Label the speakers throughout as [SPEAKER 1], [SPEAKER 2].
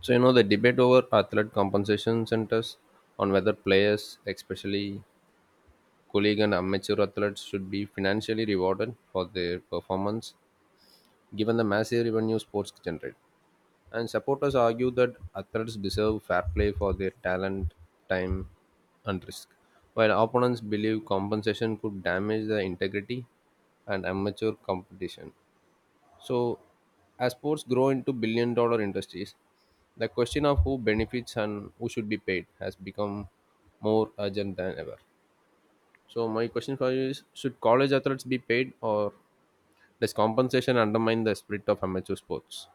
[SPEAKER 1] So you know the debate over athlete compensation centers on whether players, especially colleague and amateur athletes, should be financially rewarded for their performance, given the massive revenue sports generate. And supporters argue that athletes deserve fair play for their talent, time, and risk, while opponents believe compensation could damage the integrity and amateur competition. So, as sports grow into billion-dollar industries, the question of who benefits and who should be paid has become more urgent than ever. So, my question for you is: should college athletes be paid, or does compensation undermine the spirit of amateur sports?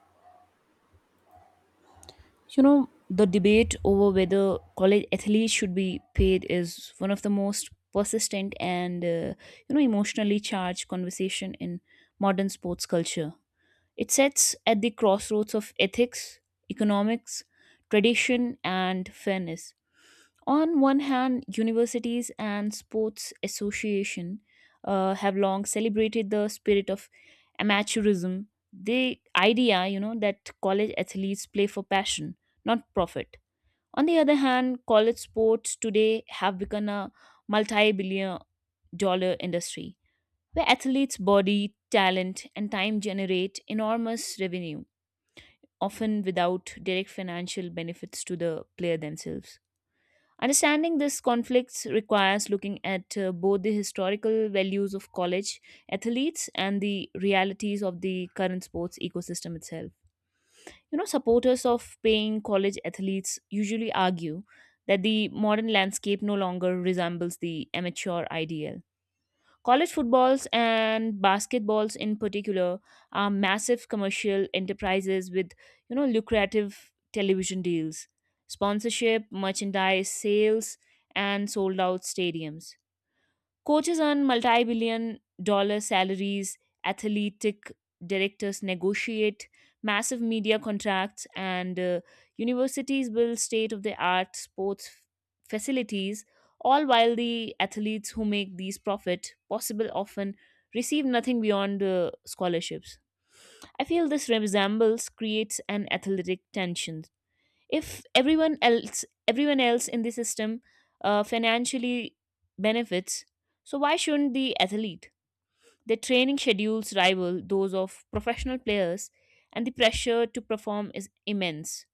[SPEAKER 2] The debate over whether college athletes should be paid is one of the most persistent and emotionally charged conversation in modern sports culture. It sits at the crossroads of ethics, economics, tradition and fairness. On one hand, universities and sports association have long celebrated the spirit of amateurism, the idea, that college athletes play for passion, not profit. On the other hand, college sports today have become a multi-billion dollar industry where athletes' body, talent, and time generate enormous revenue, often without direct financial benefits to the player themselves. Understanding these conflicts requires looking at both the historical values of college athletes and the realities of the current sports ecosystem itself. Supporters of paying college athletes usually argue that the modern landscape no longer resembles the amateur ideal. College footballs and basketballs in particular are massive commercial enterprises with lucrative television deals, sponsorship, merchandise sales, and sold out stadiums. Coaches earn multi billion dollar salaries, athletic directors negotiate massive media contracts, and universities build state of the art sports facilities, all while the athletes who make these profit possible often receive nothing beyond scholarships. I feel this resembles creates an athletic tension if everyone else in the system financially benefits, so why shouldn't the athlete? Their training schedules rival those of professional players, and the pressure to perform is immense.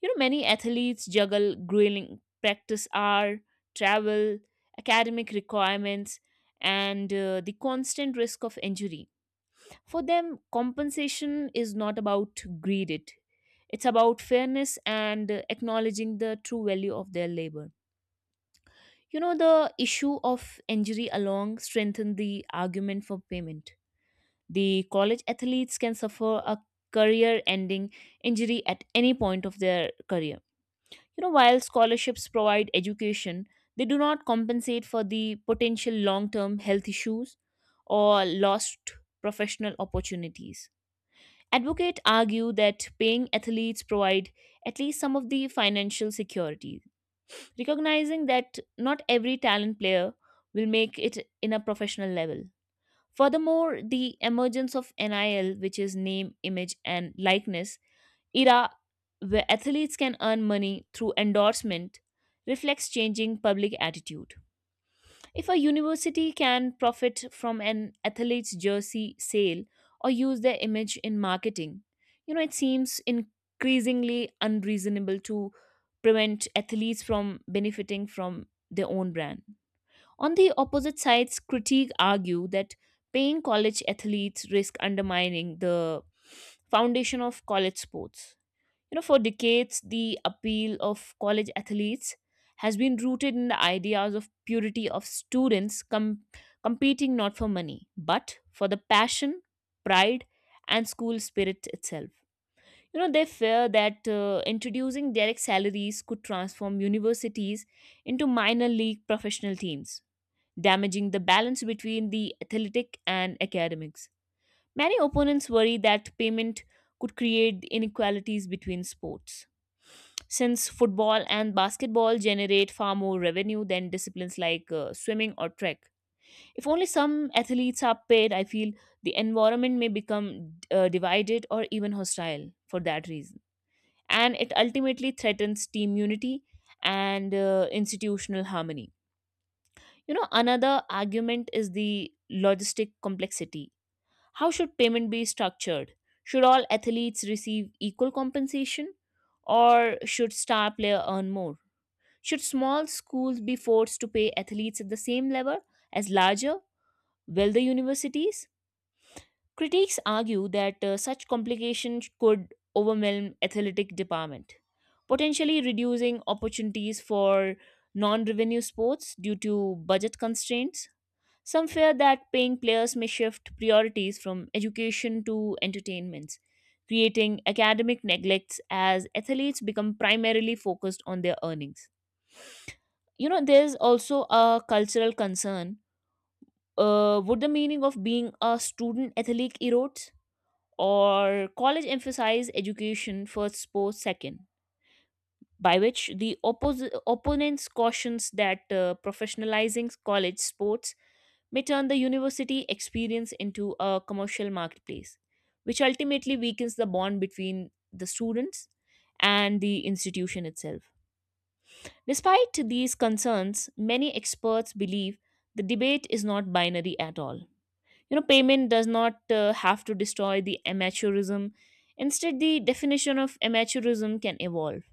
[SPEAKER 2] Many athletes juggle grueling practice hour, travel, academic requirements, and the constant risk of injury. For them, compensation is not about greed, it's about fairness and acknowledging the true value of their labor. The issue of injury along strengthen the argument for payment. The college athletes can suffer a career ending injury at any point of their career. While scholarships provide education, they do not compensate for the potential long term health issues or lost professional opportunities. Advocates argue that paying athletes provide at least some of the financial security, recognizing that not every talent player will make it in a professional level. Furthermore, the emergence of NIL, which is name, image, and likeness era, where athletes can earn money through endorsement, reflects changing public attitude. If a university can profit from an athlete's jersey sale or use their image in marketing, it seems increasingly unreasonable to prevent athletes from benefiting from their own brand. On the opposite sides, critiques argue that paying college athletes risk undermining the foundation of college sports. For decades, the appeal of college athletes has been rooted in the ideas of purity of students competing not for money, but for the passion, pride, and school spirit itself. They fear that introducing direct salaries could transform universities into minor league professional teams, damaging the balance between the athletic and academics. Many opponents worry that payment could create inequalities between sports since football and basketball generate far more revenue than disciplines like swimming or trek. If only some athletes are paid, I feel the environment may become divided or even hostile for that reason. And it ultimately threatens team unity and institutional harmony. Another argument is the logistic complexity. How should payment be structured? Should all athletes receive equal compensation or should star player earn more? Should small schools be forced to pay athletes at the same level as larger, wealthier universities? Critics argue that such complications could overwhelm athletic department, potentially reducing opportunities for non-revenue sports due to budget constraints. Some fear that paying players may shift priorities from education to entertainments, creating academic neglects as athletes become primarily focused on their earnings. There's also a cultural concern. Would the meaning of being a student athlete erode, or college emphasize education first, sports second, by which the opponents cautions that professionalizing college sports may turn the university experience into a commercial marketplace which ultimately weakens the bond between the students and the institution itself. Despite these concerns, many experts believe the debate is not binary at all. Payment does not have to destroy the amateurism. Instead, the definition of amateurism can evolve.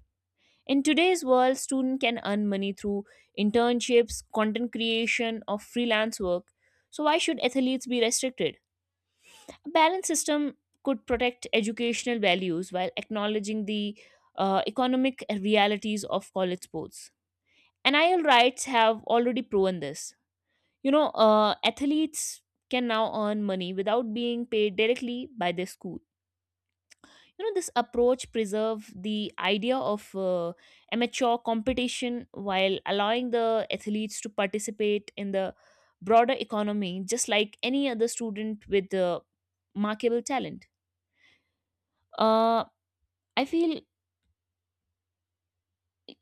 [SPEAKER 2] In today's world, students can earn money through internships, content creation, or freelance work. So why should athletes be restricted? A balanced system could protect educational values while acknowledging the economic realities of college sports. NIL rights have already proven this. Athletes can now earn money without being paid directly by their school. This approach preserve the idea of amateur competition while allowing the athletes to participate in the broader economy, just like any other student with markable talent. Uh, I feel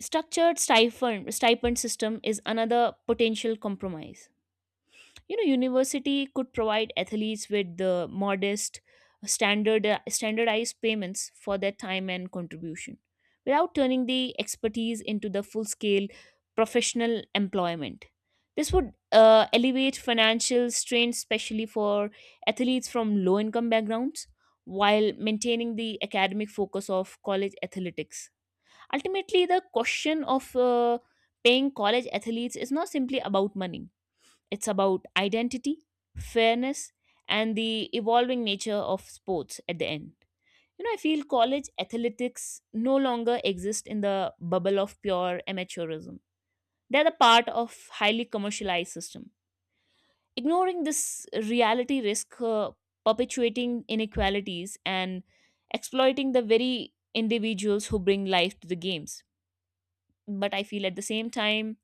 [SPEAKER 2] structured stipend system is another potential compromise. University could provide athletes with the modest standardized payments for their time and contribution without turning the expertise into the full scale professional employment. This would elevate financial strain, especially for athletes from low income backgrounds, while maintaining the academic focus of college athletics. Ultimately, the question of paying college athletes is not simply about money. It's about identity, fairness, and the evolving nature of sports at the end. I feel college athletics no longer exist in the bubble of pure amateurism. They're the part of highly commercialized system. Ignoring this reality risk perpetuating inequalities and exploiting the very individuals who bring life to the games. But I feel at the same time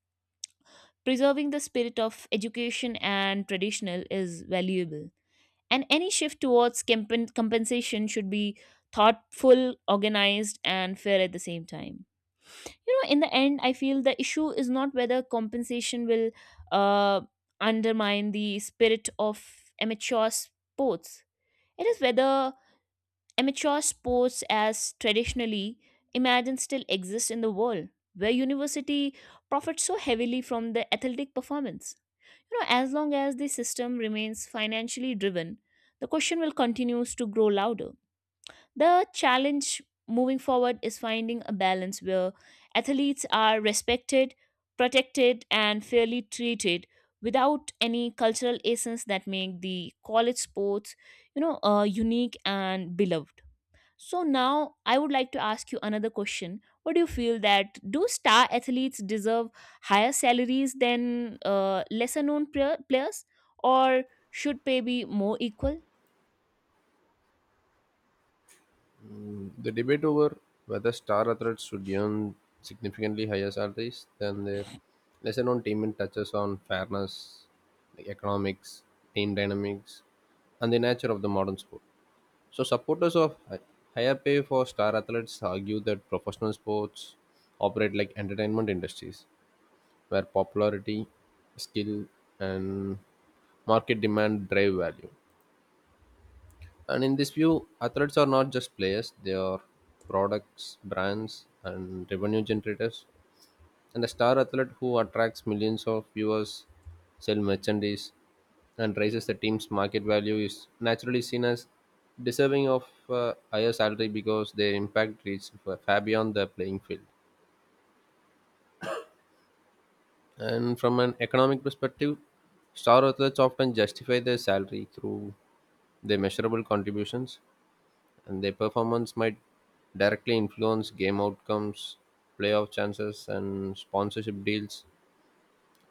[SPEAKER 2] preserving the spirit of education and traditional is valuable, and any shift towards compensation should be thoughtful, organized and fair at the same time. In the end, I feel the issue is not whether compensation will uh, undermine the spirit of amateur sports. It is whether amateur sports as traditionally imagined still exist in the world where university profits so heavily from the athletic performance. As long as the system remains financially driven, the question will continues to grow louder. The challenge moving forward is finding a balance where athletes are respected, protected, and fairly treated without any cultural essence that make the college sports unique and beloved. So now I would like to ask you another question. What do you feel that do star athletes deserve higher salaries than lesser known players, or should pay be more equal?
[SPEAKER 1] The debate over whether star athletes should earn significantly higher salaries than their lesser known teammates touches on fairness, like economics, team dynamics, and the nature of the modern sport. So, supporters of higher pay for star athletes argue that professional sports operate like entertainment industries, where popularity, skill, and market demand drive value. And in this view, athletes are not just players, they are products, brands, and revenue generators, and a star athlete who attracts millions of viewers, sell merchandise, and raises the team's market value is naturally seen as deserving of a higher salary because their impact reaches far beyond the playing field. And from an economic perspective, star athletes often justify their salary through their measurable contributions, and their performance might directly influence game outcomes, playoff chances, and sponsorship deals.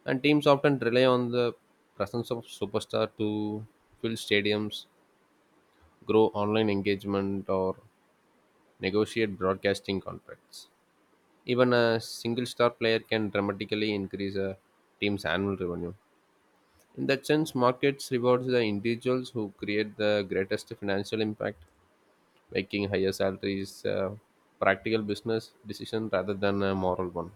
[SPEAKER 1] And teams often rely on the presence of superstar to fill stadiums, grow online engagement, or negotiate broadcasting contracts. Even a single star player can dramatically increase a team's annual revenue. In that sense, markets rewards the individuals who create the greatest financial impact, making higher salaries a practical business decision rather than a moral one.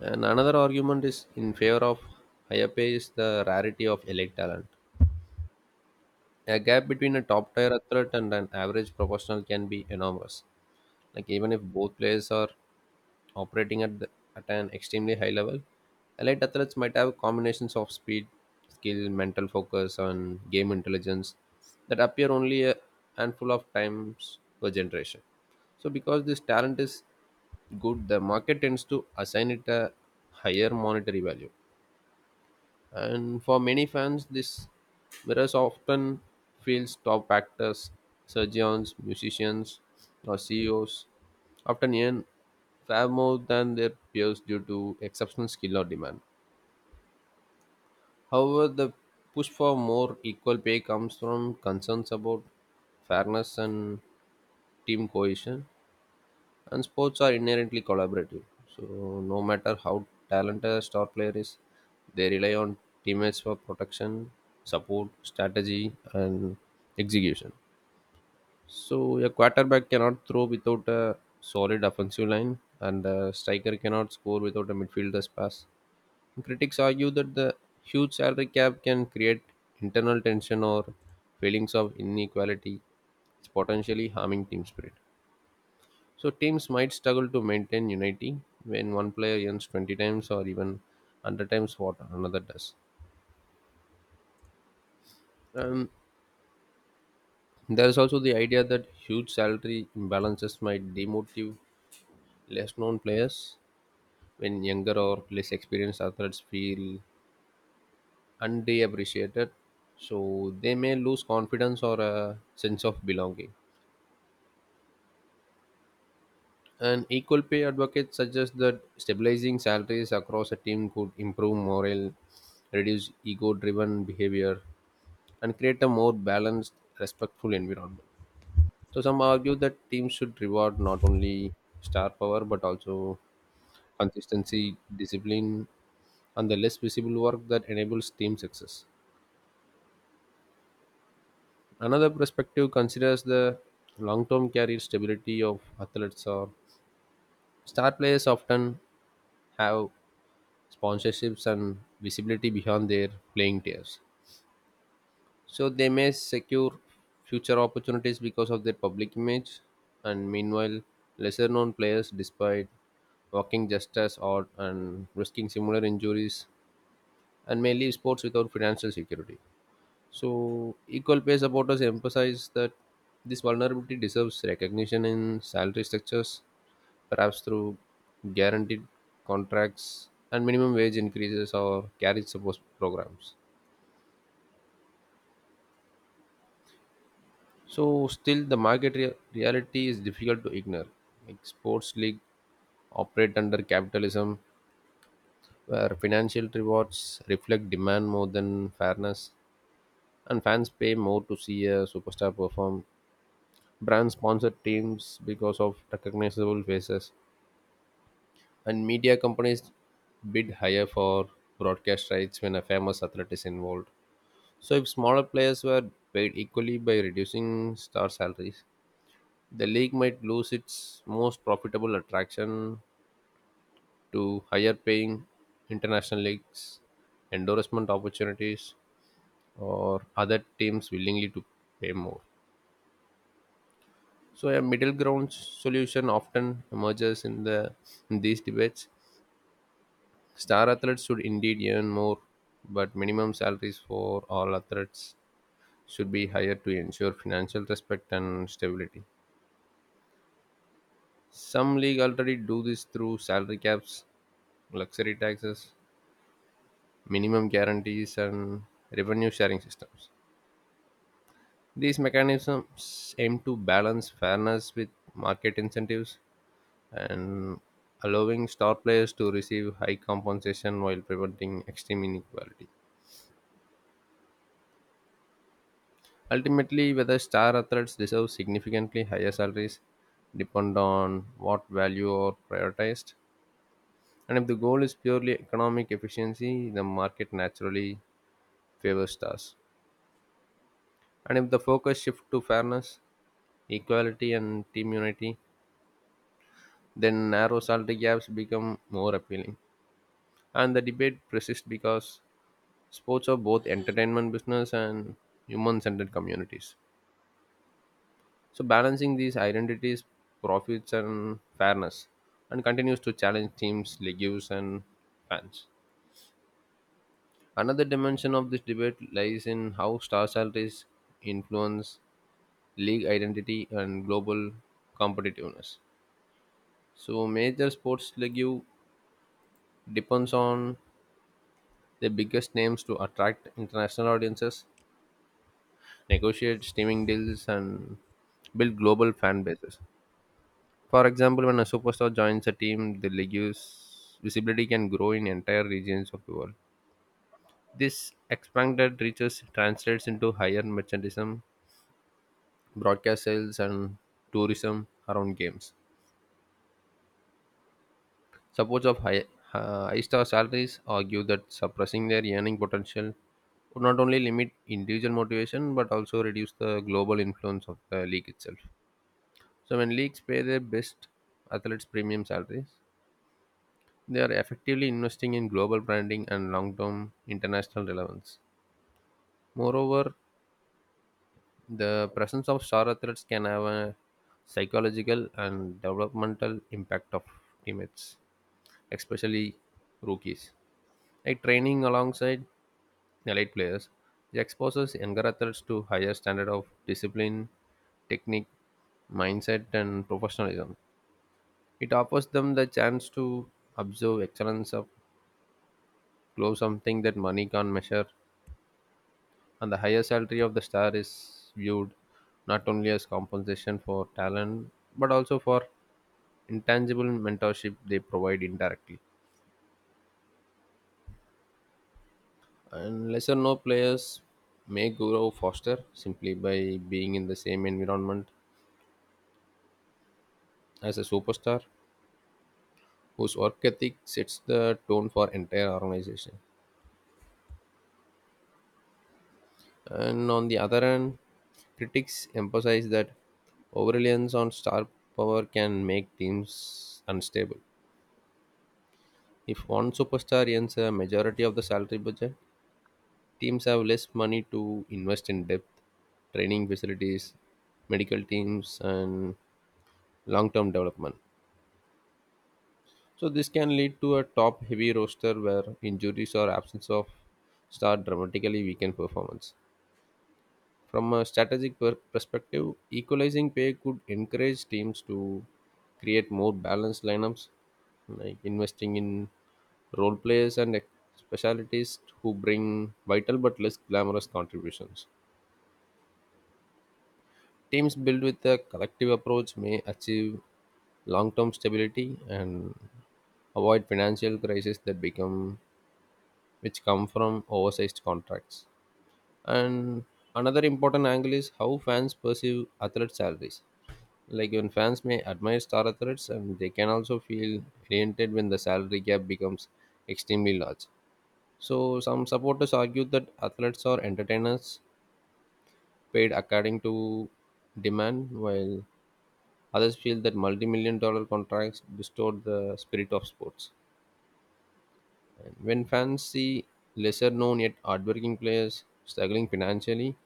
[SPEAKER 1] And another argument is in favor of higher pay is the rarity of elite talent. A gap between a top tier athlete and an average professional can be enormous. Like even if both players are operating at the, at an extremely high level, elite athletes might have combinations of speed, skill, mental focus, and game intelligence that appear only a handful of times per generation. So because this talent is good, the market tends to assign it a higher monetary value. And for many fans, this mirrors often feels top actors, surgeons, musicians, or CEOs often earn far more than their peers due to exceptional skill or demand. However, the push for more equal pay comes from concerns about fairness and team cohesion. And sports are inherently collaborative, so no matter how talented a star player is, they rely on teammates for protection, support, strategy, and execution. So a quarterback cannot throw without a solid offensive line, and a striker cannot score without a midfielder's pass. Critics argue that the huge salary cap can create internal tension or feelings of inequality, potentially harming team spirit. So teams might struggle to maintain unity when one player earns 20 times or even 100 times what another does. Um, there is also the idea that huge salary imbalances might demotivate less known players when younger or less experienced athletes feel underappreciated. So they may lose confidence or a sense of belonging. An equal pay advocate suggests that stabilizing salaries across a team could improve morale, reduce ego driven behavior, and create a more balanced, respectful environment. So some argue that teams should reward not only star power but also consistency, discipline, and the less visible work that enables team success. Another perspective considers the long-term career stability of athletes, or star players often have sponsorships and visibility beyond their playing years, so they may secure future opportunities because of their public image. And meanwhile, lesser known players, despite working just as hard and risking similar injuries, and may leave sports without financial security. So equal pay supporters emphasize that this vulnerability deserves recognition in salary structures, perhaps through guaranteed contracts and minimum wage increases or carriage support programs. So still, the reality is difficult to ignore. Like sports league operate under capitalism, where financial rewards reflect demand more than fairness, and fans pay more to see a superstar perform. Brands sponsor teams because of recognizable faces, and media companies bid higher for broadcast rights when a famous athlete is involved. So if smaller players were paid equally by reducing star salaries, the league might lose its most profitable attraction to higher paying international leagues, endorsement opportunities, or other teams willingly to pay more. So a middle ground solution often emerges in these debates. Star athletes should indeed earn more, but minimum salaries for all athletes should be higher to ensure financial respect and stability. Some league already do this through salary caps, luxury taxes, minimum guarantees, and revenue sharing systems. These mechanisms aim to balance fairness with market incentives and allowing star players to receive high compensation while preventing extreme inequality. Ultimately, whether star athletes deserve significantly higher salaries depend on what value are prioritized. And if the goal is purely economic efficiency, the market naturally favors stars. And if the focus shifts to fairness, equality and team unity, then narrow salary gaps become more appealing. And the debate persists because sports are both entertainment business and human centered communities. So, balancing these identities, profits, and fairness, and continues to challenge teams, leagues, and fans. Another dimension of this debate lies in how star salaries influence league identity and global competitiveness. So major sports league depends on the biggest names to attract international audiences, negotiate streaming deals, and build global fan bases. For example, when a superstar joins a team, the league's visibility can grow in entire regions of the world. This expanded reaches translates into higher merchandism, broadcast sales, and tourism around games. Supports of high star salaries argue that suppressing their earning potential would not only limit individual motivation but also reduce the global influence of the league itself. So, when leagues pay their best athletes premium salaries, they are effectively investing in global branding and long term international relevance. Moreover, the presence of star athletes can have a psychological and developmental impact of teammates, especially rookies. Like training alongside elite players. It exposes younger athletes to higher standard of discipline, technique, mindset, and professionalism. It offers them the chance to observe excellence of close, something that money can't measure, and the higher salary of the star is viewed not only as compensation for talent but also for intangible mentorship they provide indirectly. And lesser known players may grow faster simply by being in the same environment as a superstar whose work ethic sets the tone for entire organization. And on the other hand, critics emphasize that overreliance on star power can make teams unstable. If one superstar earns a majority of the salary budget, teams have less money to invest in depth, training facilities, medical teams, and long term development. So, this can lead to a top heavy roster where injuries or absence of star dramatically weaken performance. From a perspective, equalizing pay could encourage teams to create more balanced lineups, like investing in role players and specialities who bring vital but less glamorous contributions. Teams built with a collective approach may achieve long term stability and avoid financial crises that become which come from oversized contracts. And another important angle is how fans perceive athlete salaries. Like when fans may admire star athletes, and they can also feel alienated when the salary gap becomes extremely large. So some supporters argue that athletes or entertainers paid according to demand, while others feel that multi-million-dollar contracts distort the spirit of sports. And when fans see lesser known yet hardworking players struggling financially,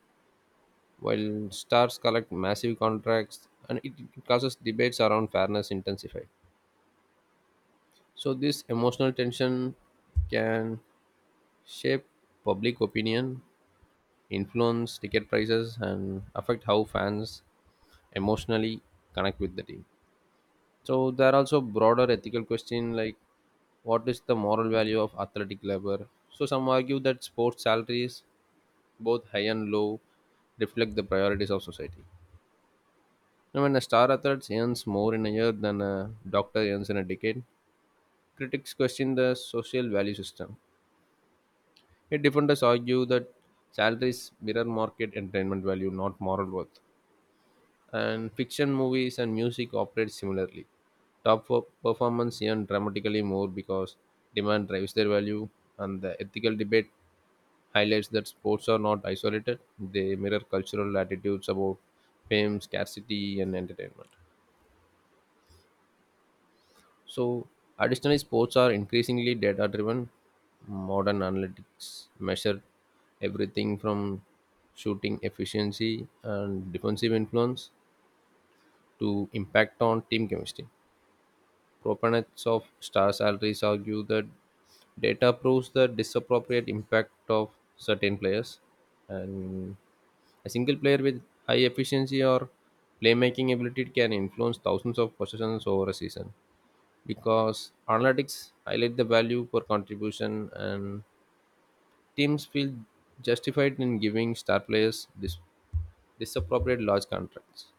[SPEAKER 1] while stars collect massive contracts, and it causes debates around fairness intensify. So this emotional tension can shape public opinion, influence ticket prices, and affect how fans emotionally connect with the team. So there are also broader ethical questions like, what is the moral value of athletic labor? So some argue that sports salaries, both high and low, reflect the priorities of society. Now, when a star athlete earns more in a year than a doctor earns in a decade, critics question the social value system. Yet defenders argue that salaries mirror market entertainment value, not moral worth. And fiction movies and music operate similarly. Performance earn dramatically more because demand drives their value, and the ethical debate highlights that sports are not isolated, they mirror cultural attitudes about fame, scarcity, and entertainment. So, additionally, sports are increasingly data driven. Modern analytics measure everything from shooting efficiency and defensive influence to impact on team chemistry. Proponents of star salaries argue that data proves the disappropriate impact of certain players, and a single player with high efficiency or playmaking ability can influence thousands of possessions over a season, because analytics highlight the value for contribution and teams feel justified in giving star players disappropriate large contracts.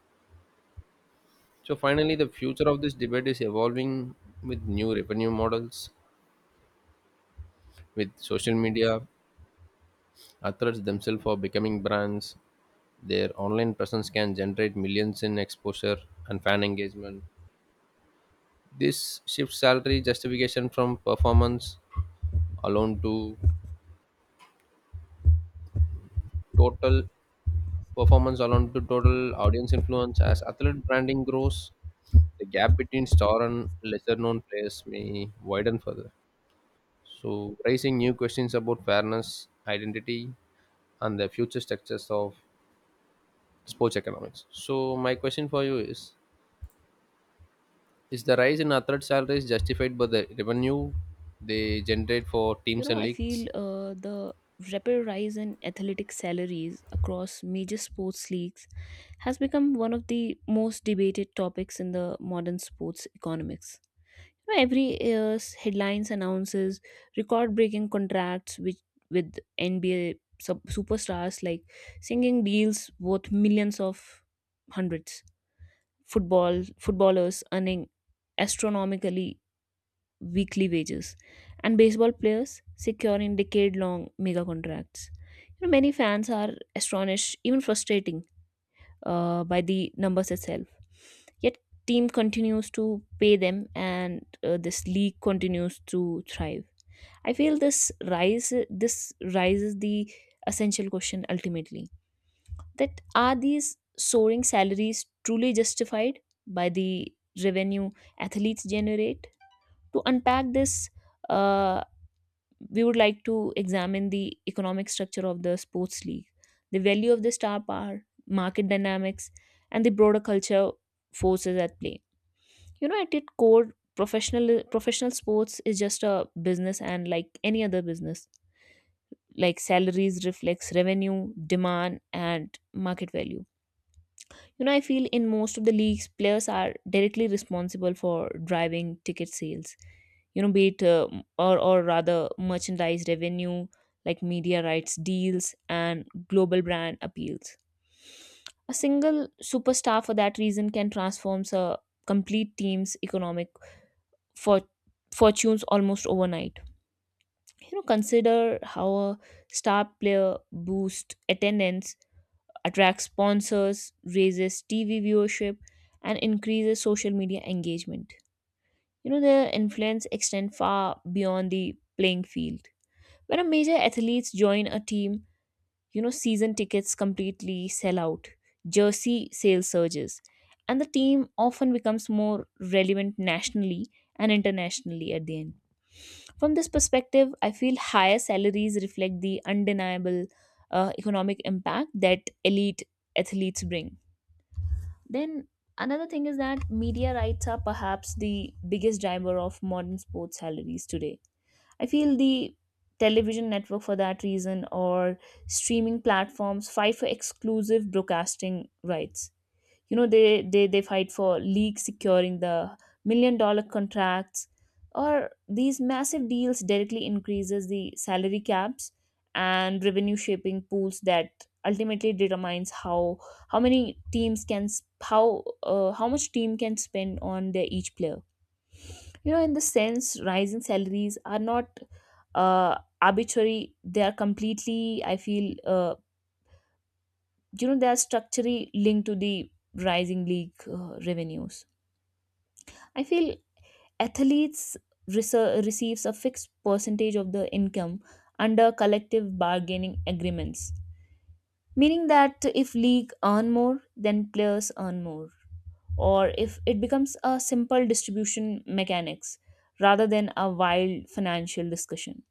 [SPEAKER 1] So finally, the future of this debate is evolving with new revenue models, with social media. Athletes themselves are becoming brands. Their online presence can generate millions in exposure and fan engagement. This shifts salary justification from alone to total performance alone to total audience influence. As athlete branding grows, the gap between star and lesser known players may widen further. So, raising new questions about fairness, identity, and the future structures of sports economics. So, my question for you is: is the rise in athlete salaries justified by the revenue they generate for teams and
[SPEAKER 2] I
[SPEAKER 1] leagues?
[SPEAKER 2] feel the rapid rise in athletic salaries across major sports leagues has become one of the most debated topics in the modern sports economics. Every year's headlines announces record-breaking contracts with NBA superstars like singing deals worth millions of hundreds. Footballers earning astronomically weekly wages, and baseball players securing decade-long mega contracts. Many fans are astonished, even frustrating, by the numbers itself. Yet team continues to pay them, and this league continues to thrive. I feel this raises the essential question ultimately that are these soaring salaries truly justified by the revenue athletes generate? To unpack this, uh, we would like to examine the economic structure of the sports league, the value of the star power, market dynamics, and the broader culture forces at play. At its core, professional sports is just a business, and like any other business, like salaries reflects revenue, demand, and market value. I feel in most of the leagues, players are directly responsible for driving ticket sales. Be it or rather, merchandise revenue, like media rights deals and global brand appeals. A single superstar, for that reason, can transform a complete team's economic for fortunes almost overnight. Consider how a star player boosts attendance, attracts sponsors, raises TV viewership, and increases social media engagement. Their influence extend far beyond the playing field. When a major athletes join a team, season tickets completely sell out, jersey sales surges, and the team often becomes more relevant nationally and internationally at the end. From this perspective, I feel higher salaries reflect the undeniable economic impact that elite athletes bring. Then another thing is that media rights are perhaps the biggest driver of modern sports salaries today. I feel the television network for that reason or streaming platforms fight for exclusive broadcasting rights. You know they they they fight for leagues securing the million-dollar contracts, or these massive deals directly increases the salary caps and revenue shaping pools that ultimately determines how many teams can s- how how much team can spend on their each player. In the sense, rising salaries are not uh, arbitrary. They are completely, I feel uh, they are structurally linked to the rising league revenues. I feel athletes receives a fixed percentage of the income under collective bargaining agreements, meaning that if league earn more, then players earn more, or if it becomes a simple distribution mechanics rather than a wild financial discussion.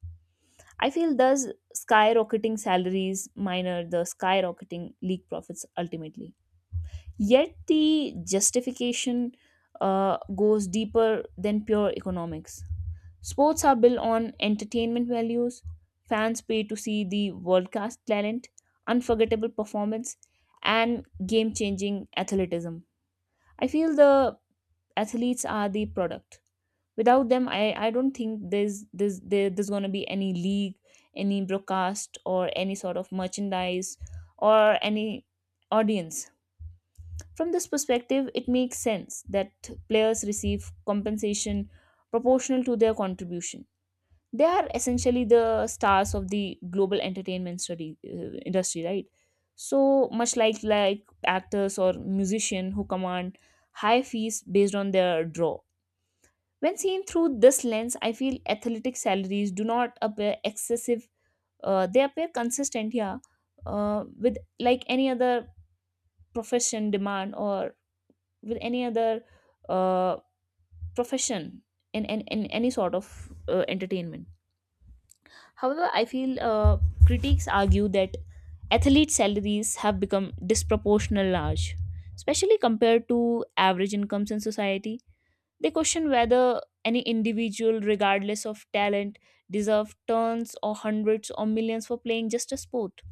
[SPEAKER 2] I feel thus skyrocketing salaries minor the skyrocketing league profits ultimately. Yet the justification goes deeper than pure economics. Sports are built on entertainment values. Fans pay to see the world class talent, unforgettable performance, and game changing athleticism. I feel the athletes are the product. Without them, I don't think there's gonna be any league, any broadcast, or any sort of merchandise, or any audience. From this perspective, it makes sense that players receive compensation proportional to their contribution. They are essentially the stars of the global entertainment study industry, right? So much like actors or musicians who command high fees based on their draw. When seen through this lens, I feel athletic salaries do not appear excessive. They appear consistent, yeah, with like any other profession demand, or with any other uh, profession in any sort of entertainment. However, I feel critics argue that athlete salaries have become disproportionately large, especially compared to average incomes in society. They question whether any individual, regardless of talent, deserve tons or hundreds or millions for playing just a sport.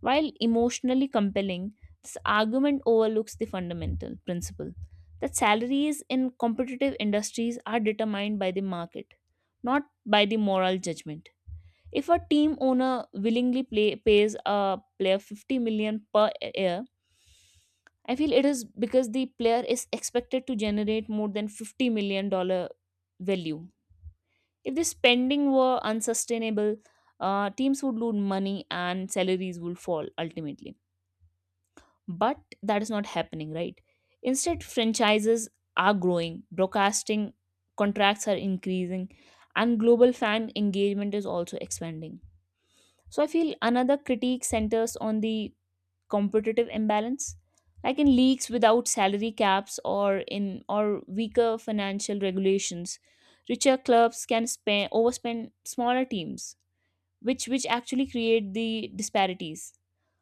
[SPEAKER 2] While emotionally compelling, this argument overlooks the fundamental principle that salaries in competitive industries are determined by the market, not by the moral judgment. If a team owner willingly pays a player 50 million per year, I feel it is because the player is expected to generate more than 50 million dollar value. If the spending were unsustainable, teams would lose money and salaries would fall ultimately. But that is not happening, right? Instead, franchises are growing, broadcasting contracts are increasing, and global fan engagement is also expanding. So I feel another critique centers on the competitive imbalance, like in leagues without salary caps, or in or weaker financial regulations, richer clubs can spend overspend smaller teams, which actually create the disparities.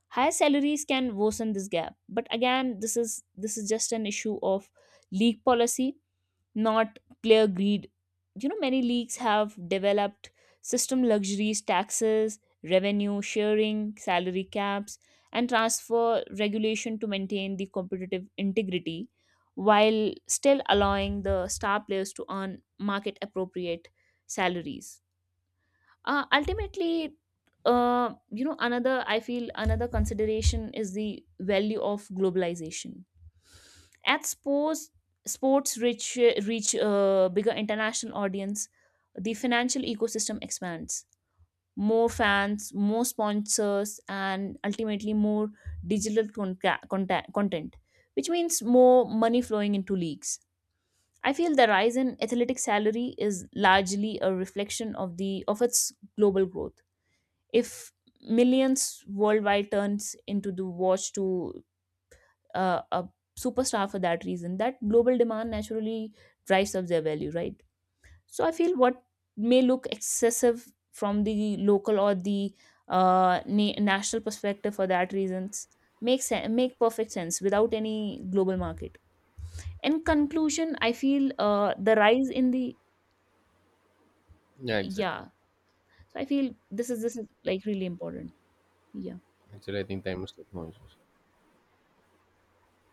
[SPEAKER 2] Higher salaries can worsen this gap, but again, this is just an issue of league policy, not clear greed. You know, many leagues have developed system luxuries, taxes, revenue sharing, salary caps, and transfer regulation to maintain the competitive integrity while still allowing the star players to earn market appropriate salaries ultimately. Another, I feel, another consideration is the value of globalization at sports. Sports reach a bigger international audience. The financial ecosystem expands, more fans, more sponsors, and ultimately more digital content, which means more money flowing into leagues. I feel the rise in athletic salary is largely a reflection of the of its global growth. If millions worldwide turns into the watch to a superstar, for that reason that global demand naturally drives up their value, right? So I feel what may look excessive from the local or the national perspective for that reasons makes make perfect sense without any global market. In conclusion, I feel the rise in the,
[SPEAKER 1] Yeah, exactly.
[SPEAKER 2] yeah, so I feel this is like really important, yeah.
[SPEAKER 1] Actually, I think time is like no issues.